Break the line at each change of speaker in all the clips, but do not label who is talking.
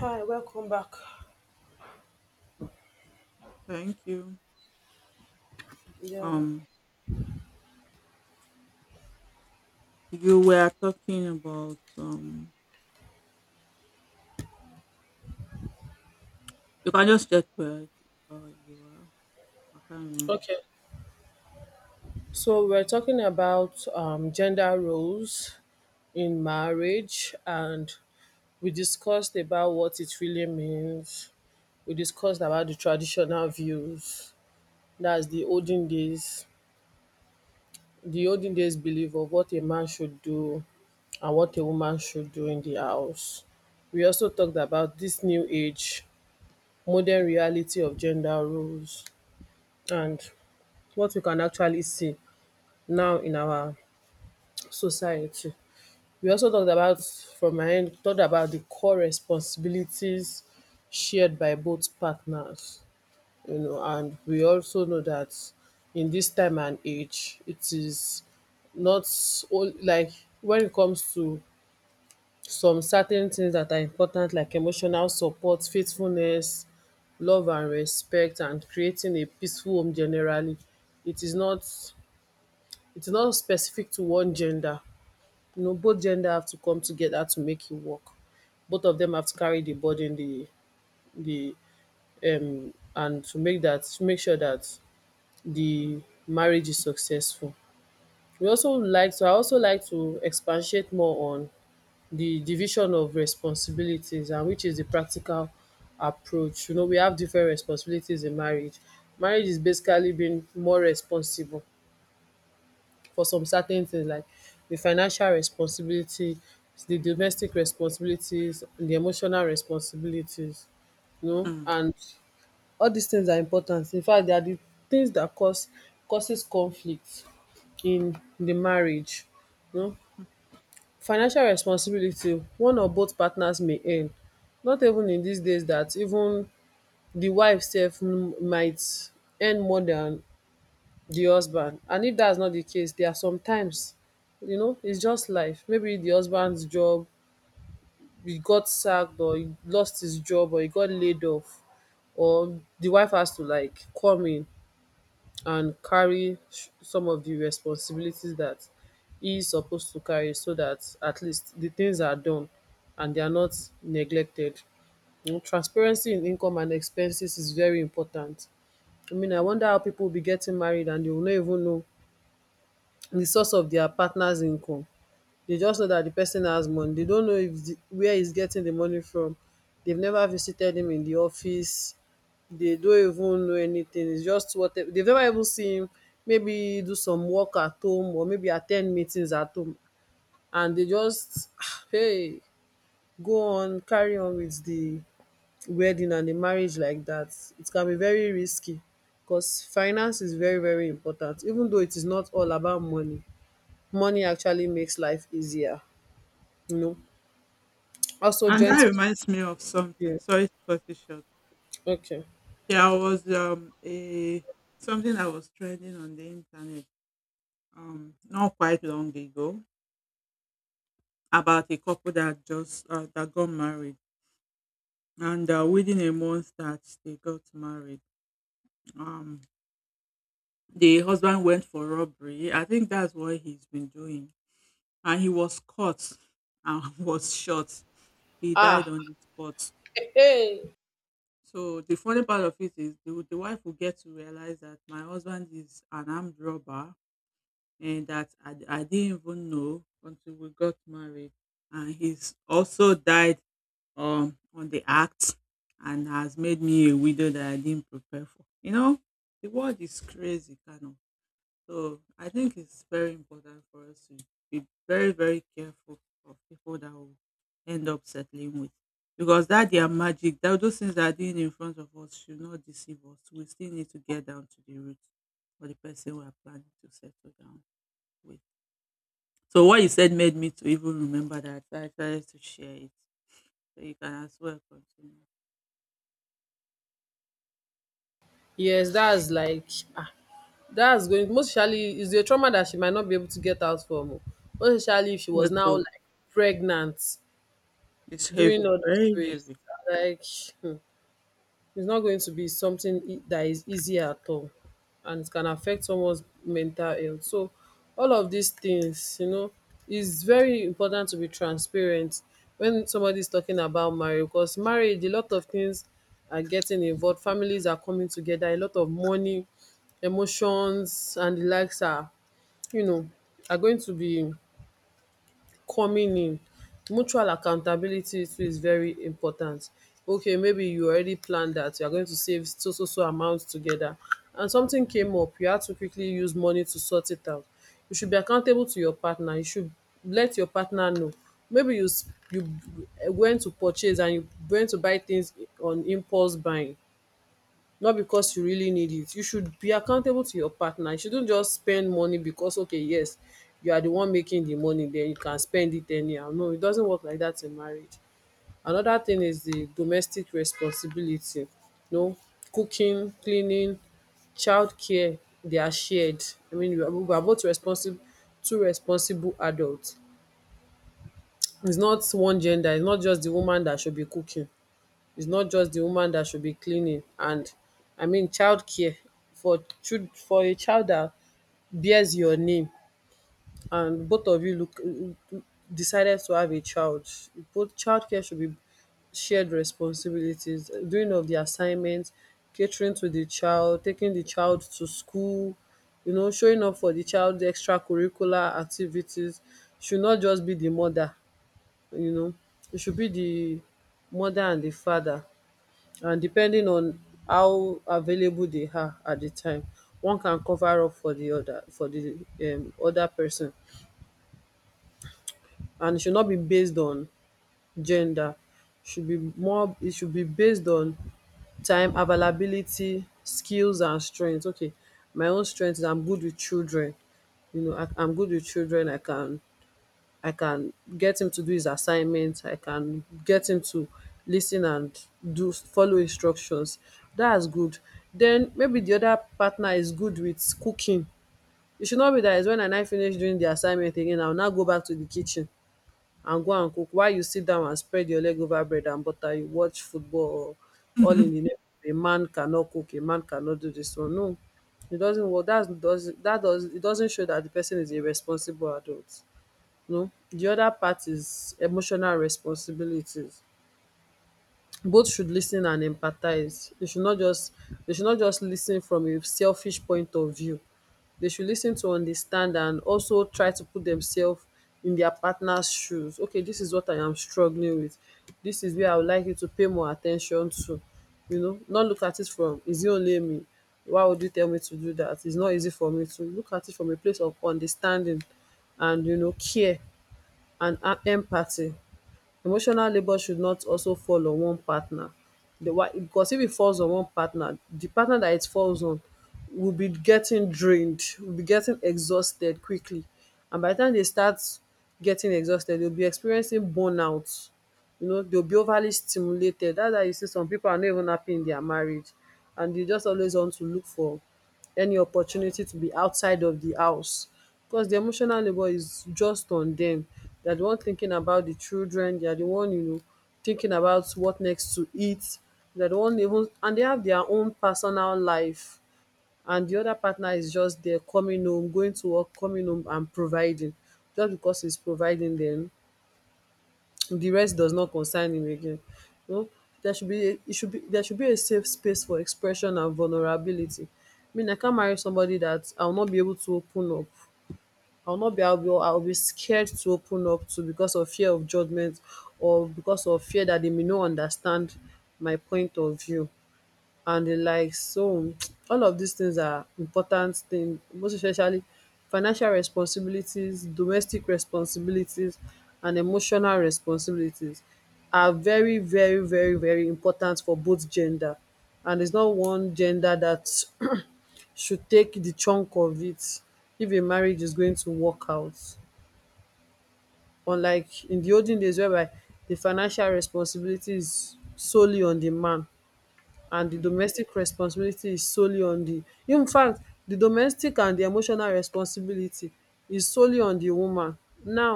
Hi, welcome back.
Thank you.
Yeah.
Um, you were talking about You can just check where you are. I can't remember.
Okay. So we're talking about gender roles in marriage, and we discussed about what it really means. We discussed about the traditional views. That's the olden days belief of what a man should do and what a woman should do in the house. We also talked about this new age, modern reality of gender roles, and what we can actually see now in our society. We also talked about, from my end, talked about the core responsibilities shared by both partners, you know, and we also know that in this time and age, it is not all like when it comes to some certain things that are important, like emotional support, faithfulness, love and respect, and creating a peaceful home generally. It is not it is not specific to one gender. You know, both gender have to come together to make it work. Both of them have to carry the burden, the and to make sure that the marriage is successful. We also like to I also like to expatiate more on the division of responsibilities, and which is the practical approach. You know, we have different responsibilities in marriage. Marriage is basically being more responsible for some certain things, like the financial responsibility, the domestic responsibilities, the emotional responsibilities, you know,
Mm.
and all these things are important. In fact, they are the things that cause causes conflict in the marriage. You know, financial responsibility, one or both partners may earn. Not even in these days that even the wife sef might earn more than the husband. And if that's not the case, there are sometimes, you know, it's just life. Maybe the husband's job, he got sacked, or he lost his job, or he got laid off, or the wife has to like come in and carry some of the responsibilities that he is supposed to carry, so that at least the things are done and they are not neglected. You know, transparency in income and expenses is very important. I mean, I wonder how people will be getting married and they will not even know the source of their partner's income. They just know that the person has money. They don't know if where he's getting the money from. They've never visited him in the office. They don't even know anything. It's just what they've never even seen him maybe do some work at home, or maybe attend meetings at home. And they just hey, go on, carry on with the wedding and the marriage like that. It can be very risky, because finance is very, very important, even though it is not all about money. Money actually makes life easier, you know. Also
And that
joint.
reminds me of something.
Yeah,
Sorry to cut it short.
okay.
There was a something that was trending on the internet not quite long ago about a couple that just that got married and within a month that they got married um the husband went for robbery. I think that's what he's been doing, and he was caught and was shot. He died
Ah,
on the spot.
hey.
So the funny part of it is the wife will get to realize that my husband is an armed robber, and that I didn't even know until we got married. And he's also died on the act, and has made me a widow that I didn't prepare for. You know, the world is crazy kind of. So I think it's very important for us to be very, very careful of people that will end up settling with. Because that their magic, that those things that are doing in front of us should not deceive us. We still need to get down to the root for the person we are planning to settle down with. So what you said made me to even remember that. So I decided to share it. So you can as well continue.
Yes, that's like, ah, that's going, most especially, is a trauma that she might not be able to get out from. Oh. Most especially if she
Yeah,
was now
so
like pregnant
it's
during
heavy,
all those
very
race.
heavy.
Like, it's not going to be something that is easy at all, and it can affect someone's mental health. So, all of these things, you know, it's very important to be transparent when somebody is talking about marriage, because marriage, a lot of things are getting involved. Families are coming together, a lot of money, emotions, and the likes are, you know, are going to be coming in. Mutual accountability too is very important. Okay, maybe you already planned that you're going to save so so so amount together, and something came up, you had to quickly use money to sort it out. You should be accountable to your partner. You should let your partner know. Maybe you went to purchase, and you went to buy things on impulse buying, not because you really need it. You should be accountable to your partner. You shouldn't just spend money because, okay, yes, you are the one making the money, then you can spend it anyhow. No, it doesn't work like that in marriage. Another thing is the domestic responsibility. You know, cooking, cleaning, childcare, they are shared. I mean, we are both responsible, two responsible adults. It's not one gender, it's not just the woman that should be cooking, it's not just the woman that should be cleaning, and I mean childcare for for a child that bears your name, and both of you look decided to have a child. Both childcare should be shared responsibilities, doing of the assignments, catering to the child, taking the child to school, you know, showing up for the child the extracurricular activities should not just be the mother. You know, it should be the mother and the father, and depending on how available they are at the time, one can cover up for the other, for the other person. And it should not be based on gender, should be more, it should be based on time availability, skills and strength. Okay, my own strength is, I'm good with children. You know, I'm good with children. I can get him to do his assignments. I can get him to listen and do follow instructions. That is good. Then maybe the other partner is good with cooking. It should not be dat is wen I now finish doing the assignment again I will now go back to the kitchen and go and cook, while you sit down and spread your leg over bread and butter, you watch football, or all in the name of a man cannot cook, a man cannot do this one. No, it doesn't work. Dat's does That does it doesn't show that the person is a responsible adult. No, the other part is emotional responsibilities. Both should lis ten and empathise. They should not just lis ten from a selfish point of view. They should lis ten to understand, and also try to put themselves in their partners shoes. Okay, this is what I am struggling with. This is where I would like you to pay more attention to. You know, not look at it from, is it only me? Why would you tell me to do that? It's not easy for me. To look at it from a place of understanding, and you know, care and empathy. Emotional labour should not also fall on one partner. The why, because if it falls on one partner, the partner that it falls on will be getting drained, will be getting exhausted quickly. And by the time they start getting exhausted, they'll be experiencing burnout. You know, they'll be overly stimulated. That's why you see some people are not even happy in their marriage, and they just always want to look for any opportunity to be outside of the house, because the emotional labor is just on them. They're the one thinking about the children, they're the one, you know, thinking about what next to eat. They're the one, even, and they have their own personal life, and the other partner is just there, coming home, going to work, coming home and providing. Just because he's providing them, the rest does not concern him again. You know, there should be a, it should be there should be a safe space for expression and vulnerability. I mean, I can't marry somebody that I'll not be able to open up. I'll not be I'll be, I'll be scared to open up to, because of fear of judgment, or because of fear that they may not understand my point of view and the likes. So, all of these things are important things. Most especially financial responsibilities, domestic responsibilities, and emotional responsibilities are very, very, very, very important for both gender. And it's not one gender that should take the chunk of it if a marriage is going to work out. Unlike in the olden days, whereby the financial responsibility is solely on the man, and di
Hmm.
domestic responsibility is solely on di, infact di domestic and di emotional responsibility is solely on di woman. Now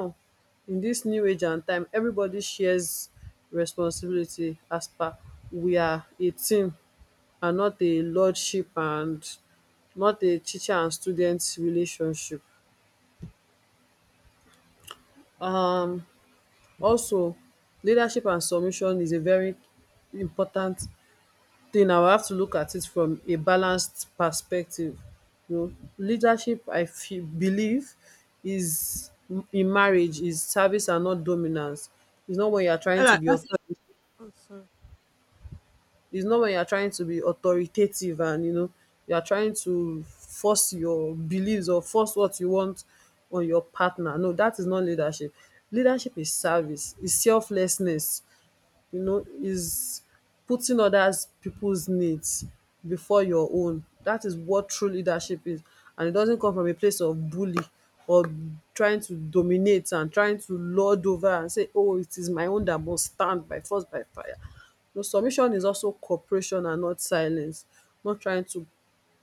in dis new age and time, evribodi shares responsibility, as per we are a team, and not a lordship, and not a teacher and student relationship. um Also, leadership and submission is a very important thing. I will have to look at it from a balanced perspective. You know, leadership I feel believe is, in marriage, is service and not dominance. It's not when you are
I
trying to
like
be
also.
it's not when you are trying to be authoritative, and you know, you are trying to force your beliefs or force what you want on your partner. No, that is not leadership. Leadership is service, is selflessness, you know, is putting others people's needs before your own. That is what true leadership is. And it doesn't come from a place of bully or trying to dominate and trying to lord over and say, "Oh, it is my own that must stand by force by fire." No, submission is also cooperation and not silence, not trying to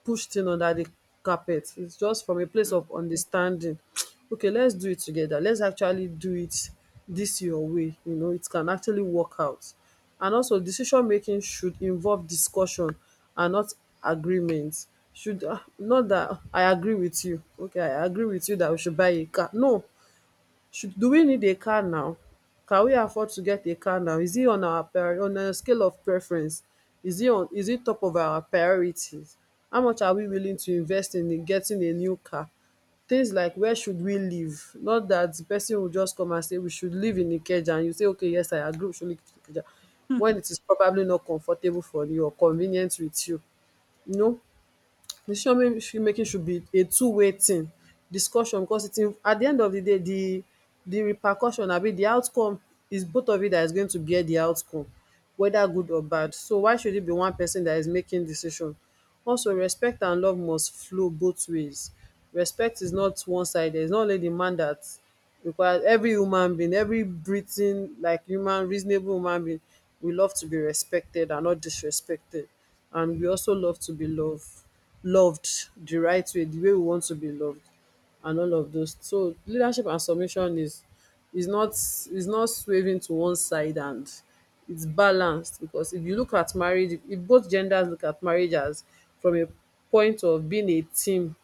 pushed in under the carpet. It's just from a place
Mm.
of understanding. Okay, let's do it together. Let's actually do it this your way. You know, it can actually work out. And also, decision making should involve discussion and not agreement. Should not that I agree with you. Okay, I agree with you that we should buy a car. No, should do we need a car now? Can we afford to get a car now? Is it on our prior on a scale of preference? Is it on is it top of our priorities? How much are we willing to invest in getting a new car? Things like where should we live? Not that the person will just come and say we should live in Ikeja and you say, "Okay, yes, I agree, we should live in Ikeja," when it is probably not comfortable for you or convenient with you. You know, decision making should be a two-way thing, discussion because it in at the end of the day the repercussion, I mean, the outcome is both of you that is going to bear the outcome, whether good or bad. So why should it be one person that is making decision? Also, respect and love must flow both ways. Respect is not one sided, it's not only the man that, because every human being, every breathing like human, reasonable human being, we love to be respected and not disrespected, and we also love to be loved, loved the right way, the way we want to be loved, and all of those. So leadership and submission is is not swaying to one side, and it's balanced, because if you look at marriage, if both genders look at marriage as from a point of being a team,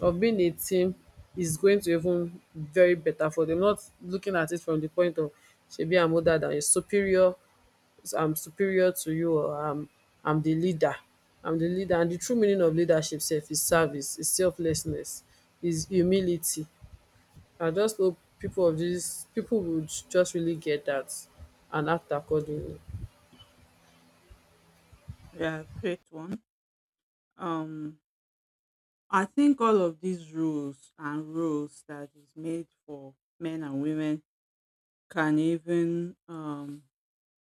of being a team is going to even very better for them, not looking at it from the point of shebi I'm older than you, superior, I'm superior to you, or I'm the leader. I'm the leader. And the true meaning of leadership sef is service, is selflessness, is humility. I just hope people of this people would just really get that and act accordingly.
Yeah, great one. um I think all of these rules and rules that is made for men and women can even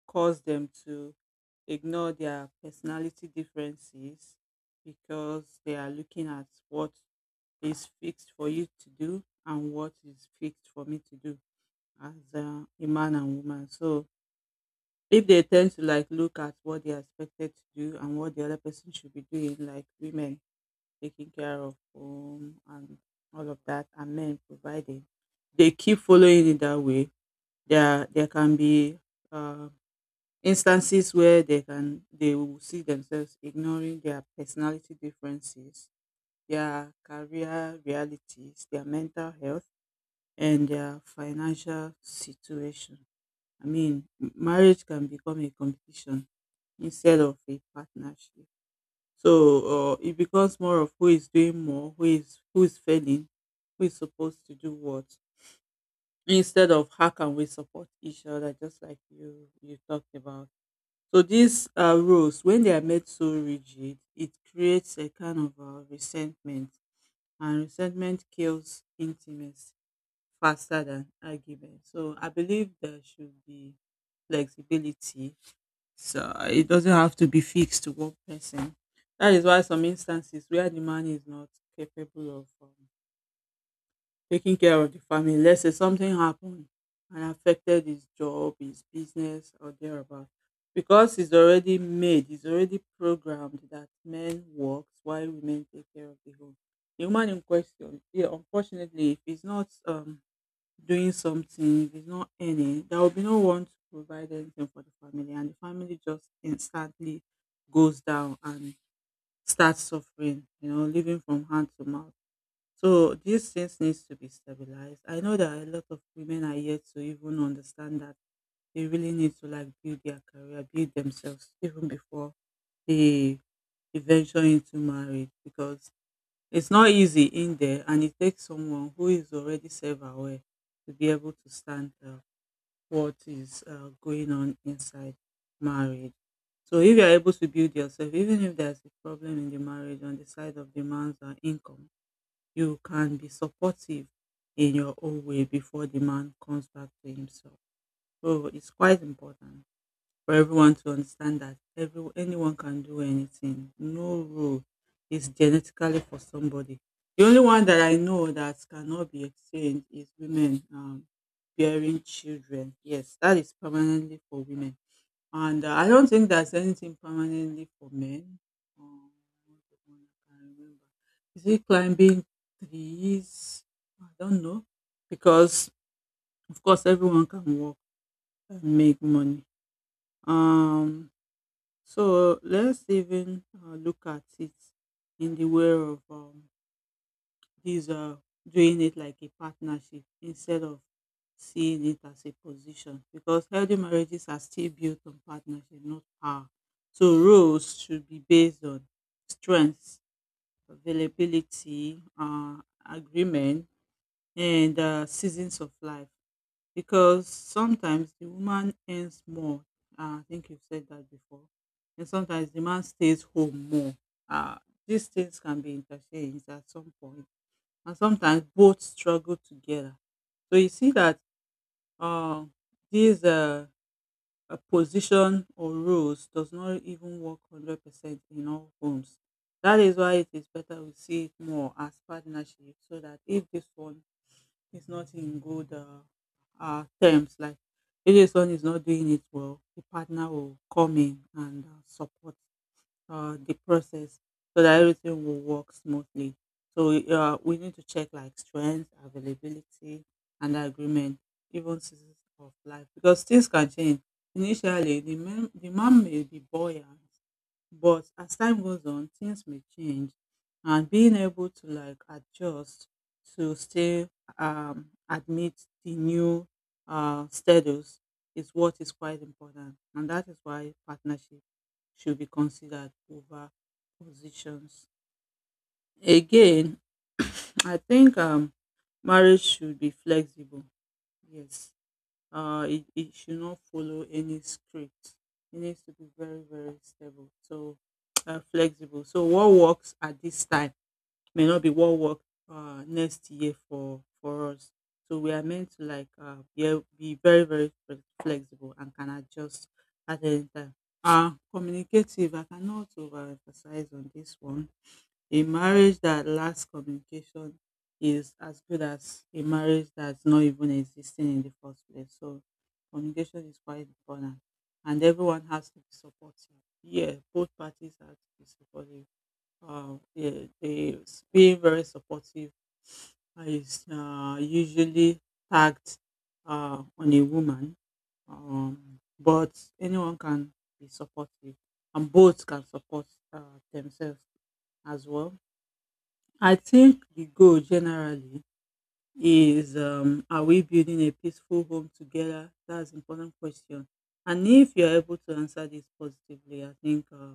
cause them to ignore their personality differences, because they are looking at what is fixed for you to do and what is fixed for me to do as a man and woman. So if they tend to like look at what they are expected to do and what the other person should be doing, like women taking care of home and all of that and men providing, they keep following it that way. There can be uh, instances where they can they will see themselves ignoring their personality differences, their career realities, their mental health, and their financial situation. I mean, marriage can become a competition instead of a partnership. So it becomes more of who is doing more, who is failing, who is supposed to do what, instead of how can we support each other, just like you talked about. So these rules, when they are made so rigid, it creates a kind of resentment, and resentment kills intimacy faster than argument. So I believe there should be flexibility, so it doesn't have to be fixed to one person. That is why some instances where the man is not capable of taking care of the family, let's say something happened and affected his job, his business, or thereabout, because he's already programmed that men works while women take care of the home. The woman in question, yeah, unfortunately, if he's not doing something, if it's not earning, there will be no one to provide anything for the family, and the family just instantly goes down and starts suffering, you know, living from hand to mouth. So these things needs to be stabilized. I know that a lot of women are yet to even understand that they really need to like build their career, build themselves, even before they they venture into marriage, because it's not easy in there, and it takes someone who is already self aware to be able to stand what is going on inside marriage. So, if you're able to build yourself, even if there's a problem in the marriage on the side of demands or income, you can be supportive in your own way before the man comes back to himself. So, it's quite important for everyone to understand that anyone can do anything. No rule is genetically for somebody. The only one that I know that cannot be exchanged is women bearing children. Yes, that is permanently for women. And I don't think there's anything permanently for men. Um, what's the one I can remember. Is it climbing trees? I don't know. Because, of course, everyone can work and make money. Um, so let's even look at it in the way of these doing it like a partnership instead of seeing it as a position, because healthy marriages are still built on partnership, not power. So roles should be based on strengths, availability, agreement, and seasons of life, because sometimes the woman earns more. I think you've said that before. And sometimes the man stays home more. Uh, these things can be interchanged at some point, and sometimes both struggle together. So you see that uh, these position or roles does not even work 100% in all homes. That is why it is better we see it more as partnership, so that if this one is not in good terms. Like if this one is not doing it well, the partner will come in and support the process so that everything will work smoothly. So we need to check like strength, availability, and agreement, even seasons of life, because things can change. Initially, the man may be buoyant, but as time goes on, things may change, and being able to like adjust to still admit the new status is what is quite important, and that is why partnership should be considered over positions. Again, I think marriage should be flexible. Yes, it should not follow any script. It needs to be very very stable, so flexible. So what works at this time may not be what works next year for us. So we are meant to like yeah, be very very flexible, and can adjust at any time. Uh, communicative. I cannot overemphasize on this one. A marriage that lacks communication is as good as a marriage that's not even existing in the first place. So communication is quite important. And everyone has to be supportive. Yeah, both parties have to be supportive. Uh, yeah, they, being very supportive is usually tagged on a woman, but anyone can be supportive, and both can support themselves as well. I think the goal generally is are we building a peaceful home together? That's an important question. And if you're able to answer this positively, I think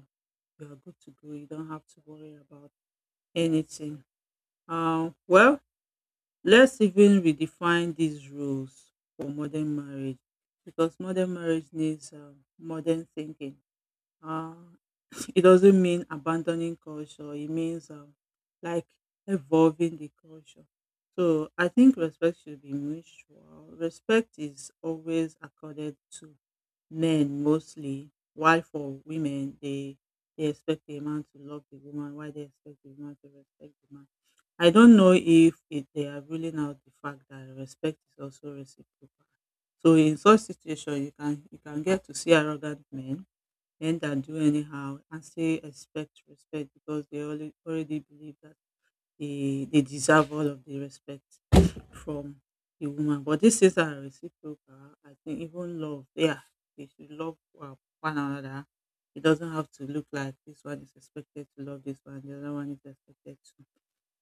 you're good to go. You don't have to worry about anything. Well, let's even redefine these rules for modern marriage, because modern marriage needs modern thinking. Uh, it doesn't mean abandoning culture, it means like evolving the culture. So I think respect should be mutual. Respect is always accorded to men mostly, while for women, they expect the man to love the woman, why they expect the woman to respect the man. I don't know if they are ruling out the fact that respect is also reciprocal. So in such situation, you can get to see arrogant men, men that do anyhow and still expect respect, because already believe that they deserve all of the respect from the woman. But these things are reciprocal. I think even love, yeah, they should love one another. It doesn't have to look like this one is expected to love this one, the other one is expected to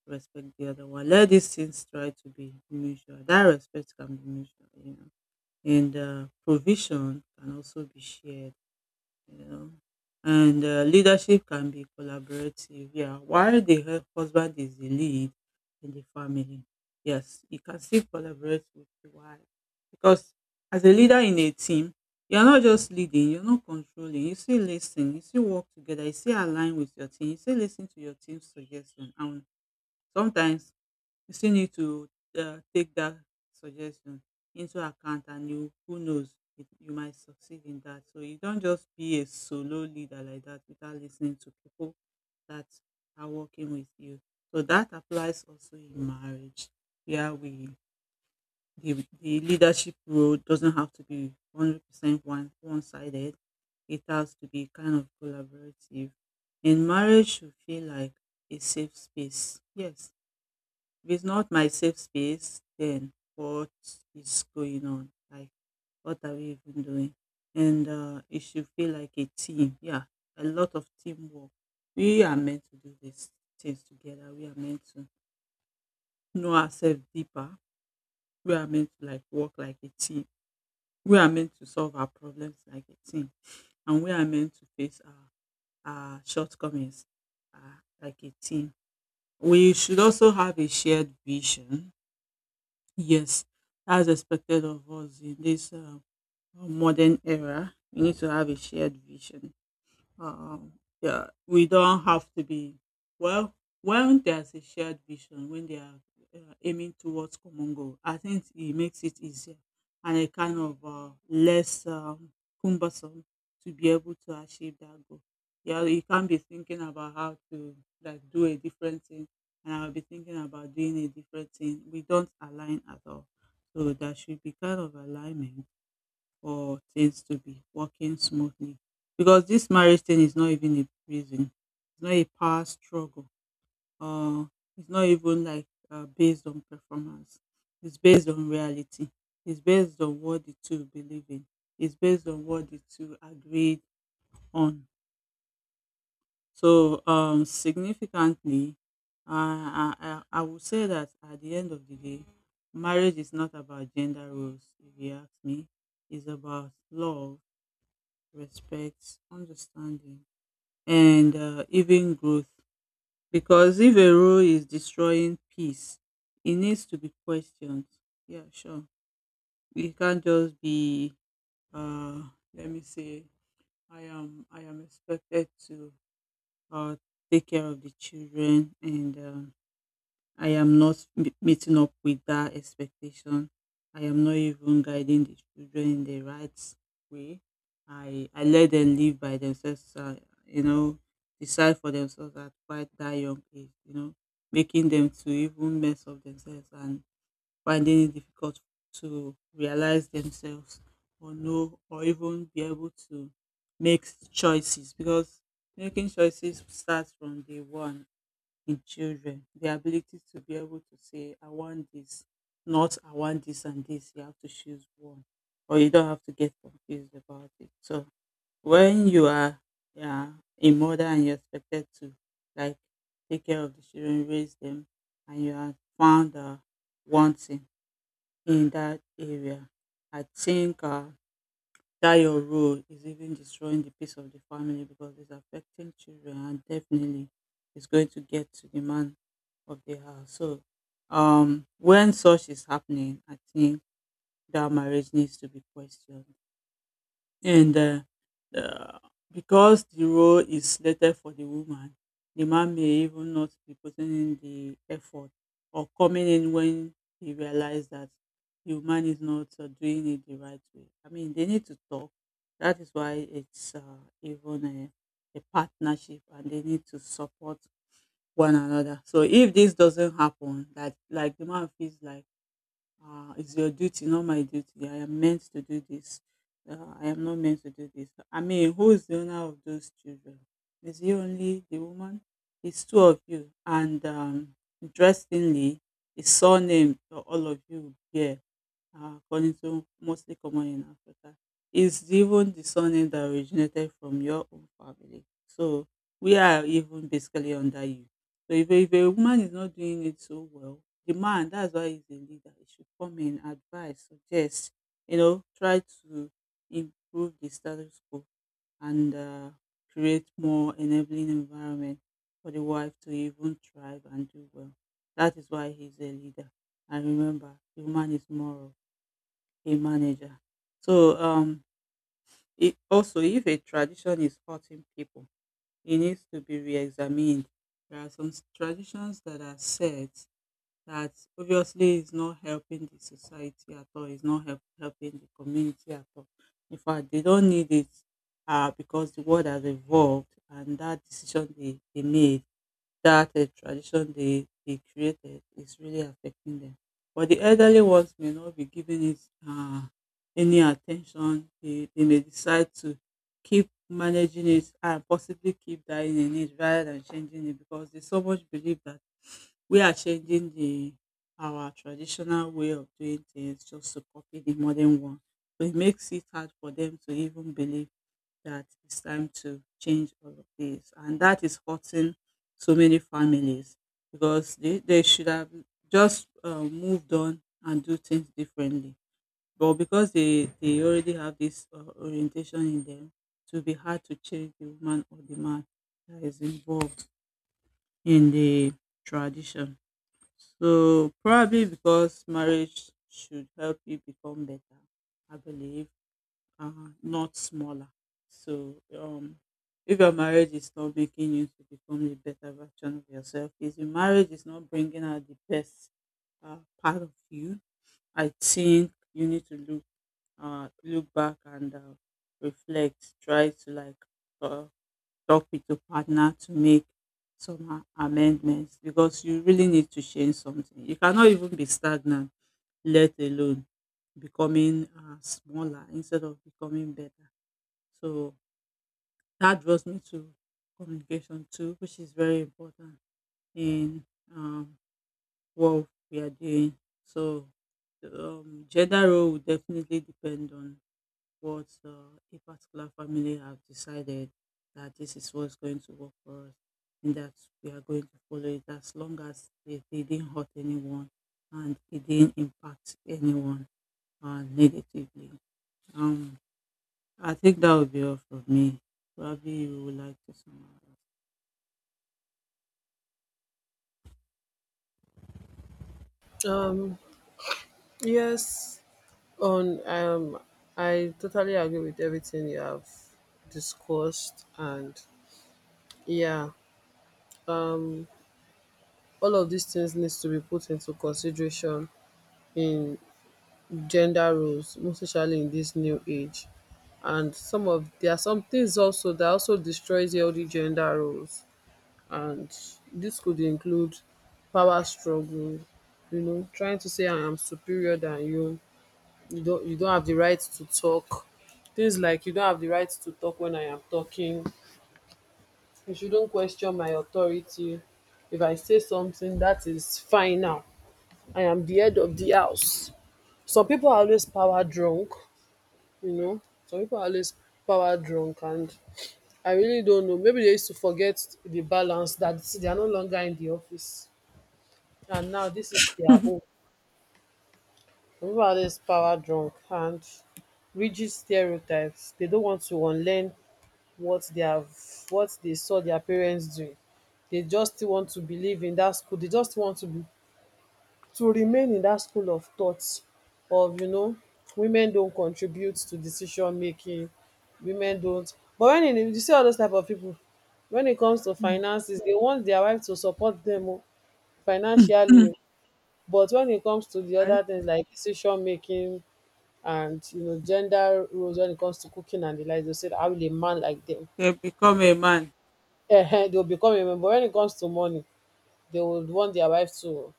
respect the other one. Let these things try to be mutual. That respect can be mutual, you know. And provision can also be shared, you know. And leadership can be collaborative. Yeah, while the husband is the lead in the family, yes, you can still collaborate with the wife. Because as a leader in a team, you're not just leading, you're not controlling. You still listen, you still work together, you still align with your team, you still listen to your team's suggestion, and sometimes you still need to take that suggestion into account, and you who knows it, you might succeed in that. So you don't just be a solo leader like that without listening to people that are working with you. So that applies also in marriage, where the, the leadership role doesn't have to be 100% one-sided. It has to be kind of collaborative. And marriage should feel like a safe space. Yes, if it's not my safe space, then what is going on? Like, what are we even doing? And it should feel like a team. Yeah, a lot of teamwork. We are meant to do these things together. We are meant to know ourselves deeper. We are meant to like work like a team. We are meant to solve our problems like a team. And we are meant to face our shortcomings like a team. We should also have a shared vision, yes, as expected of us in this modern era. We need to have a shared vision. Um, yeah, we don't have to be well. When there's a shared vision, when they are aiming towards common goal, I think it makes it easier and a kind of less cumbersome to be able to achieve that goal. Yeah, you can't be thinking about how to like do a different thing, and I'll be thinking about doing a different thing. We don't align at all, so there should be kind of alignment for things to be working smoothly, because this marriage thing is not even a prison, it's not a power struggle, or it's not even like based on performance, it's based on reality, it's based on what the two believe in, it's based on what the two agreed on. So significantly, I would say that at the end of the day, marriage is not about gender roles, if you ask me. It's about love, respect, understanding, and even growth. Because if a rule is destroying peace, it needs to be questioned. Yeah, sure. It can't just be, uh, let me say, I am expected to uh, take care of the children, and I am not meeting up with that expectation. I am not even guiding the children in the right way. I let them live by themselves. You know, decide for themselves at quite that young age. You know, making them to even mess up themselves and finding it difficult to realize themselves or know or even be able to make choices, because making choices starts from day one in children. The ability to be able to say, I want this, not I want this and this. You have to choose one, or you don't have to get confused about it. So when you are, yeah, a mother and you're expected to like take care of the children, raise them, and you are found wanting in that area, I think that your role is even destroying the peace of the family, because it's affecting children, and definitely it's going to get to the man of the house. So when such is happening, I think that marriage needs to be questioned. And uh, because the role is slated for the woman, the man may even not be putting in the effort or coming in when he realizes that the woman is not doing it the right way. I mean, they need to talk. That is why it's even a partnership and they need to support one another. So if this doesn't happen, like the man feels like it's your duty, not my duty. I am meant to do this. I am not meant to do this. I mean, who is the owner of those children? Is it only the woman? It's two of you. And interestingly, the surname for all of you bear, according to mostly common in Africa, is even the surname that originated from your own family. So we are even basically under you. So if a woman is not doing it so well, the man, that's why he's a leader, he should come in, advise, suggest, you know, try to improve the status quo and create more enabling environment for the wife to even thrive and do well. That is why he's a leader. And remember, the woman is moral, a manager. So it, also, if a tradition is hurting people, it needs to be re-examined. There are some traditions that are set that obviously is not helping the society at all. It's not helping the community at all. In fact, they don't need it because the world has evolved, and that decision they made, that tradition they created, is really affecting them. But the elderly ones may not be giving it uh, any attention. They may decide to keep managing it and possibly keep dying in it rather than changing it, because they so much believe that we are changing the our traditional way of doing things just to copy the modern one. So it makes it hard for them to even believe that it's time to change all of this. And that is hurting so many families because they should have just moved on and do things differently. But because they already have this orientation in them, it will be hard to change the woman or the man that is involved in the tradition. So probably because marriage should help you become better, I believe, uh, not smaller. So if your marriage is not making you to become the better version of yourself, if your marriage is not bringing out the best part of you, I think you need to look, look back and reflect. Try to like uh, talk with your partner to make some amendments, because you really need to change something. You cannot even be stagnant, let alone becoming smaller instead of becoming better. So that draws me to communication too, which is very important in um, what we are doing. So gender role will definitely depend on what a particular family have decided that this is what's going to work for us, and that we are going to follow it as long as they didn't hurt anyone and it didn't impact anyone negatively. Um, I think that would be all for me. Probably you would like to summarize.
Um, yes, on I totally agree with everything you have discussed, and yeah um all of these things needs to be put into consideration in gender roles, most especially in this new age. And some of there are some things also that also destroys healthy gender roles, and this could include power struggle, you know, trying to say, "I am superior than you, you don't have the right to talk," things like, "You don't have the right to talk when I am talking. You shouldn't question my authority. If I say something, that is final. I am the head of the house." Some people are always power drunk, you know. Some people are always power drunk, and I really don't know, maybe they used to forget the balance that they are no longer in the office, and now this is their own. Some people are always power drunk and rigid stereotypes, they don't want to unlearn what they have, what they saw their parents doing. They just still want to believe in that school, they just want to be to remain in that school of thought of, you know, women don't contribute to decision making, women don't. But when you see all those type of people, when it comes to finances, they want their wife to support them o, financially o. But when it comes to the
Right?
other things like decision making and, you know, gender roles when it comes to cooking and the like, they say, "How will a man like them?"
They become a man.
They will become a member when it comes to money, they would want their wife to.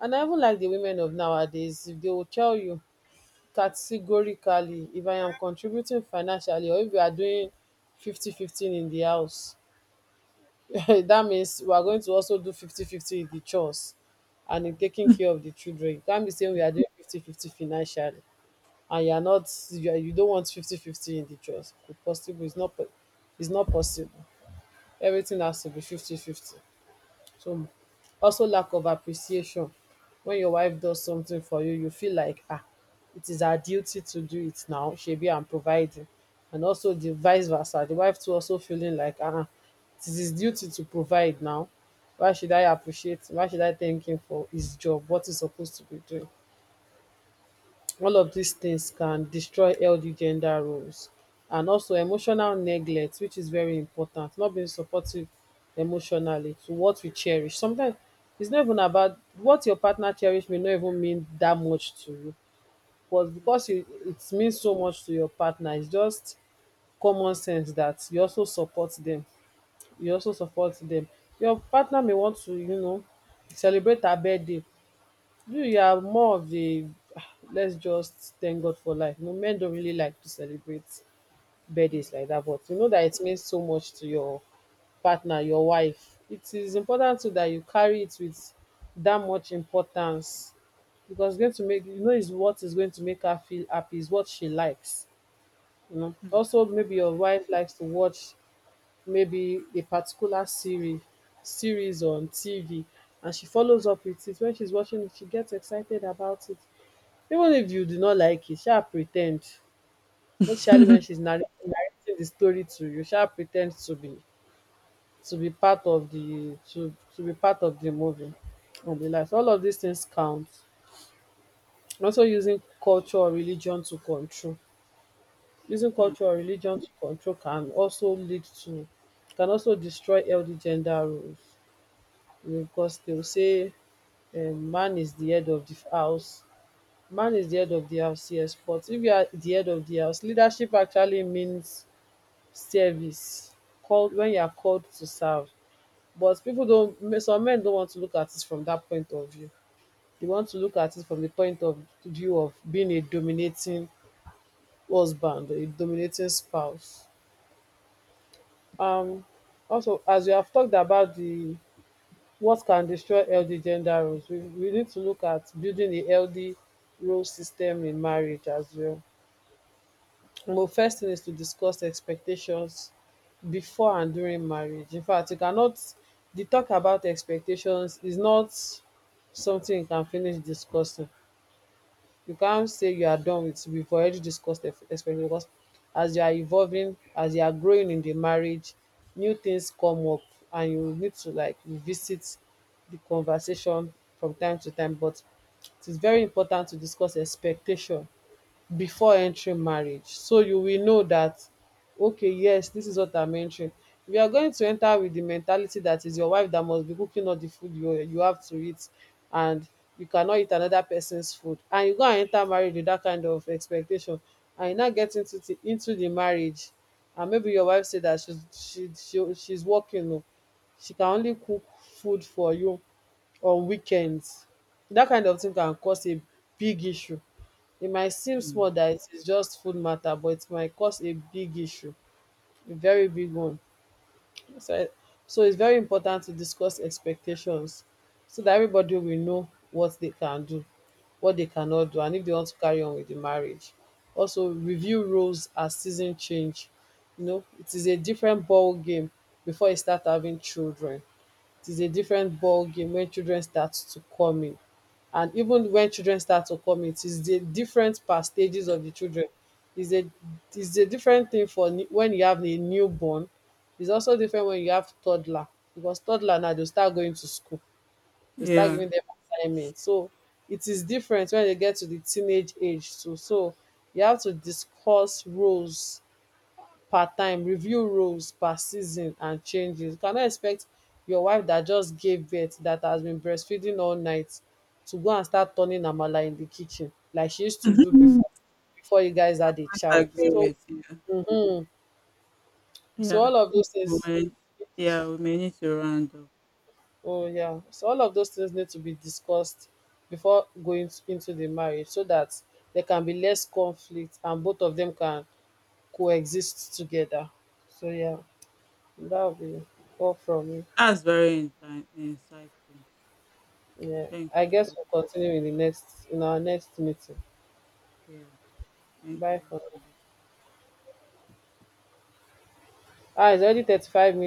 And I even like the women of nowadays, if they will tell you categorically, "If I am contributing financially, or if we are doing 50 15 in the house," that means we are going to also do 50 50 in the chores and in taking care of the children. You can't be saying we are doing 50 50 financially and you are you don't want 50 50 in the chores. It's possible, it's not possible. Everything has to be 50 50. So, also, lack of appreciation. When your wife does something for you, you feel like, "Ah, it is her duty to do it now, shebi I'm providing." And also the vice versa, the wife too also feeling like, "Ah, it is his duty to provide now, why should I appreciate, why should I thank him for his job, what he's supposed to be doing." All of these things can destroy healthy gender roles. And also emotional neglect, which is very important, not being supportive emotionally to what we cherish. Sometimes it's not even about what your partner cherish may not even mean that much to you, but
Mm,
because you it means so much to your partner, it's just common sense that you also support them. you also support them. Your partner may want to, you know, celebrate her birthday, you are more of a, "Ah, let's just thank God for life. You know, men don't really like to celebrate
mm,
birthdays like that," but you know that it means so much to your partner, your wife. It is important too that you carry it with that much importance, because it's going to make you know is what is going to make her feel happy, is what she likes. You know, also maybe your wife likes to watch maybe a particular series on TV, and she follows up with it, when she's watching it she gets excited about it. Even if you do not like it, sha pre ten, especially when she's narrating the story to you, sha pre ten to be part of the to be part of the movie and the likes. All of these things count. Also, using culture or religion to control,
mm, mm,
can also lead to, can also destroy healthy gender roles, because they will say, man is the head of the house. Man is the head of the house, yes. But if you are the head of the house, leadership actually means service. Called when you are called to serve. But people don't. Some men don't want to look at it from that point of view. They want to look at it from the point of view of being a dominating husband, a dominating spouse. Um, Also, as we have talked about the what can destroy healthy gender roles, we need to look at building a healthy role system in marriage as well. Well, first thing is to discuss expectations before and during marriage. In fact, you cannot, the talk about expectations is not something you can finish discussing, you can't say you are done with, we've already discussed the expectation, because as you are evolving, as you are growing in the marriage, new things come up and you need to like revisit the conversation from time to time. But it is very important to discuss expectation before entering marriage, so you will know that, okay, yes, this is what I'm entering. If you are going to enter with the mentality that is your wife that must be cooking all the food, you have to eat and you cannot eat another person's food, and you go and enter marriage with that kind of expectation, and you now get into the marriage, and maybe your wife say that she's working o, she can only cook food for you on weekends. That kind of thing can cause a big issue. It might seem
mm.
small that it is just food matter, but it might cause a big issue, a very big one. So, so it's very important to discuss expectations so that everybody will know what they can do, what they cannot do, and if they want to carry on with the marriage. Also review roles as season change. You know, it is a different ball game before you start having children. It is a different ball game when children start to come in. And even when children start to come in, it is the different per stages of the children. It's a different thing for when you have a newborn. It's also different when you have toddler, because toddler now they start going to school. They start
Yeah.
giving them assignments. So it is different when they get to the teenage age too. So you have to discuss roles per time, review roles per season and changes. You cannot expect your wife that just gave birth, that has been breastfeeding all night, to go and start turning amala in the kitchen like she used to do before, before you guys had a
I
child.
agree
So
with you.
mhm, so
Yeah.
all of those
We
things,
may, yeah, we may need to round up.
oh yeah, so all of those things need to be discussed before into the marriage, so that there can be less conflict and both of them can coexist together. So yeah, that will be all from me.
That's very insightful.
Yeah,
Thanks
I
a
guess
lot.
we'll continue in the next in our next meeting.
Yeah. Thank
Bye for
you.
now. Ah, it's already 35 minutes.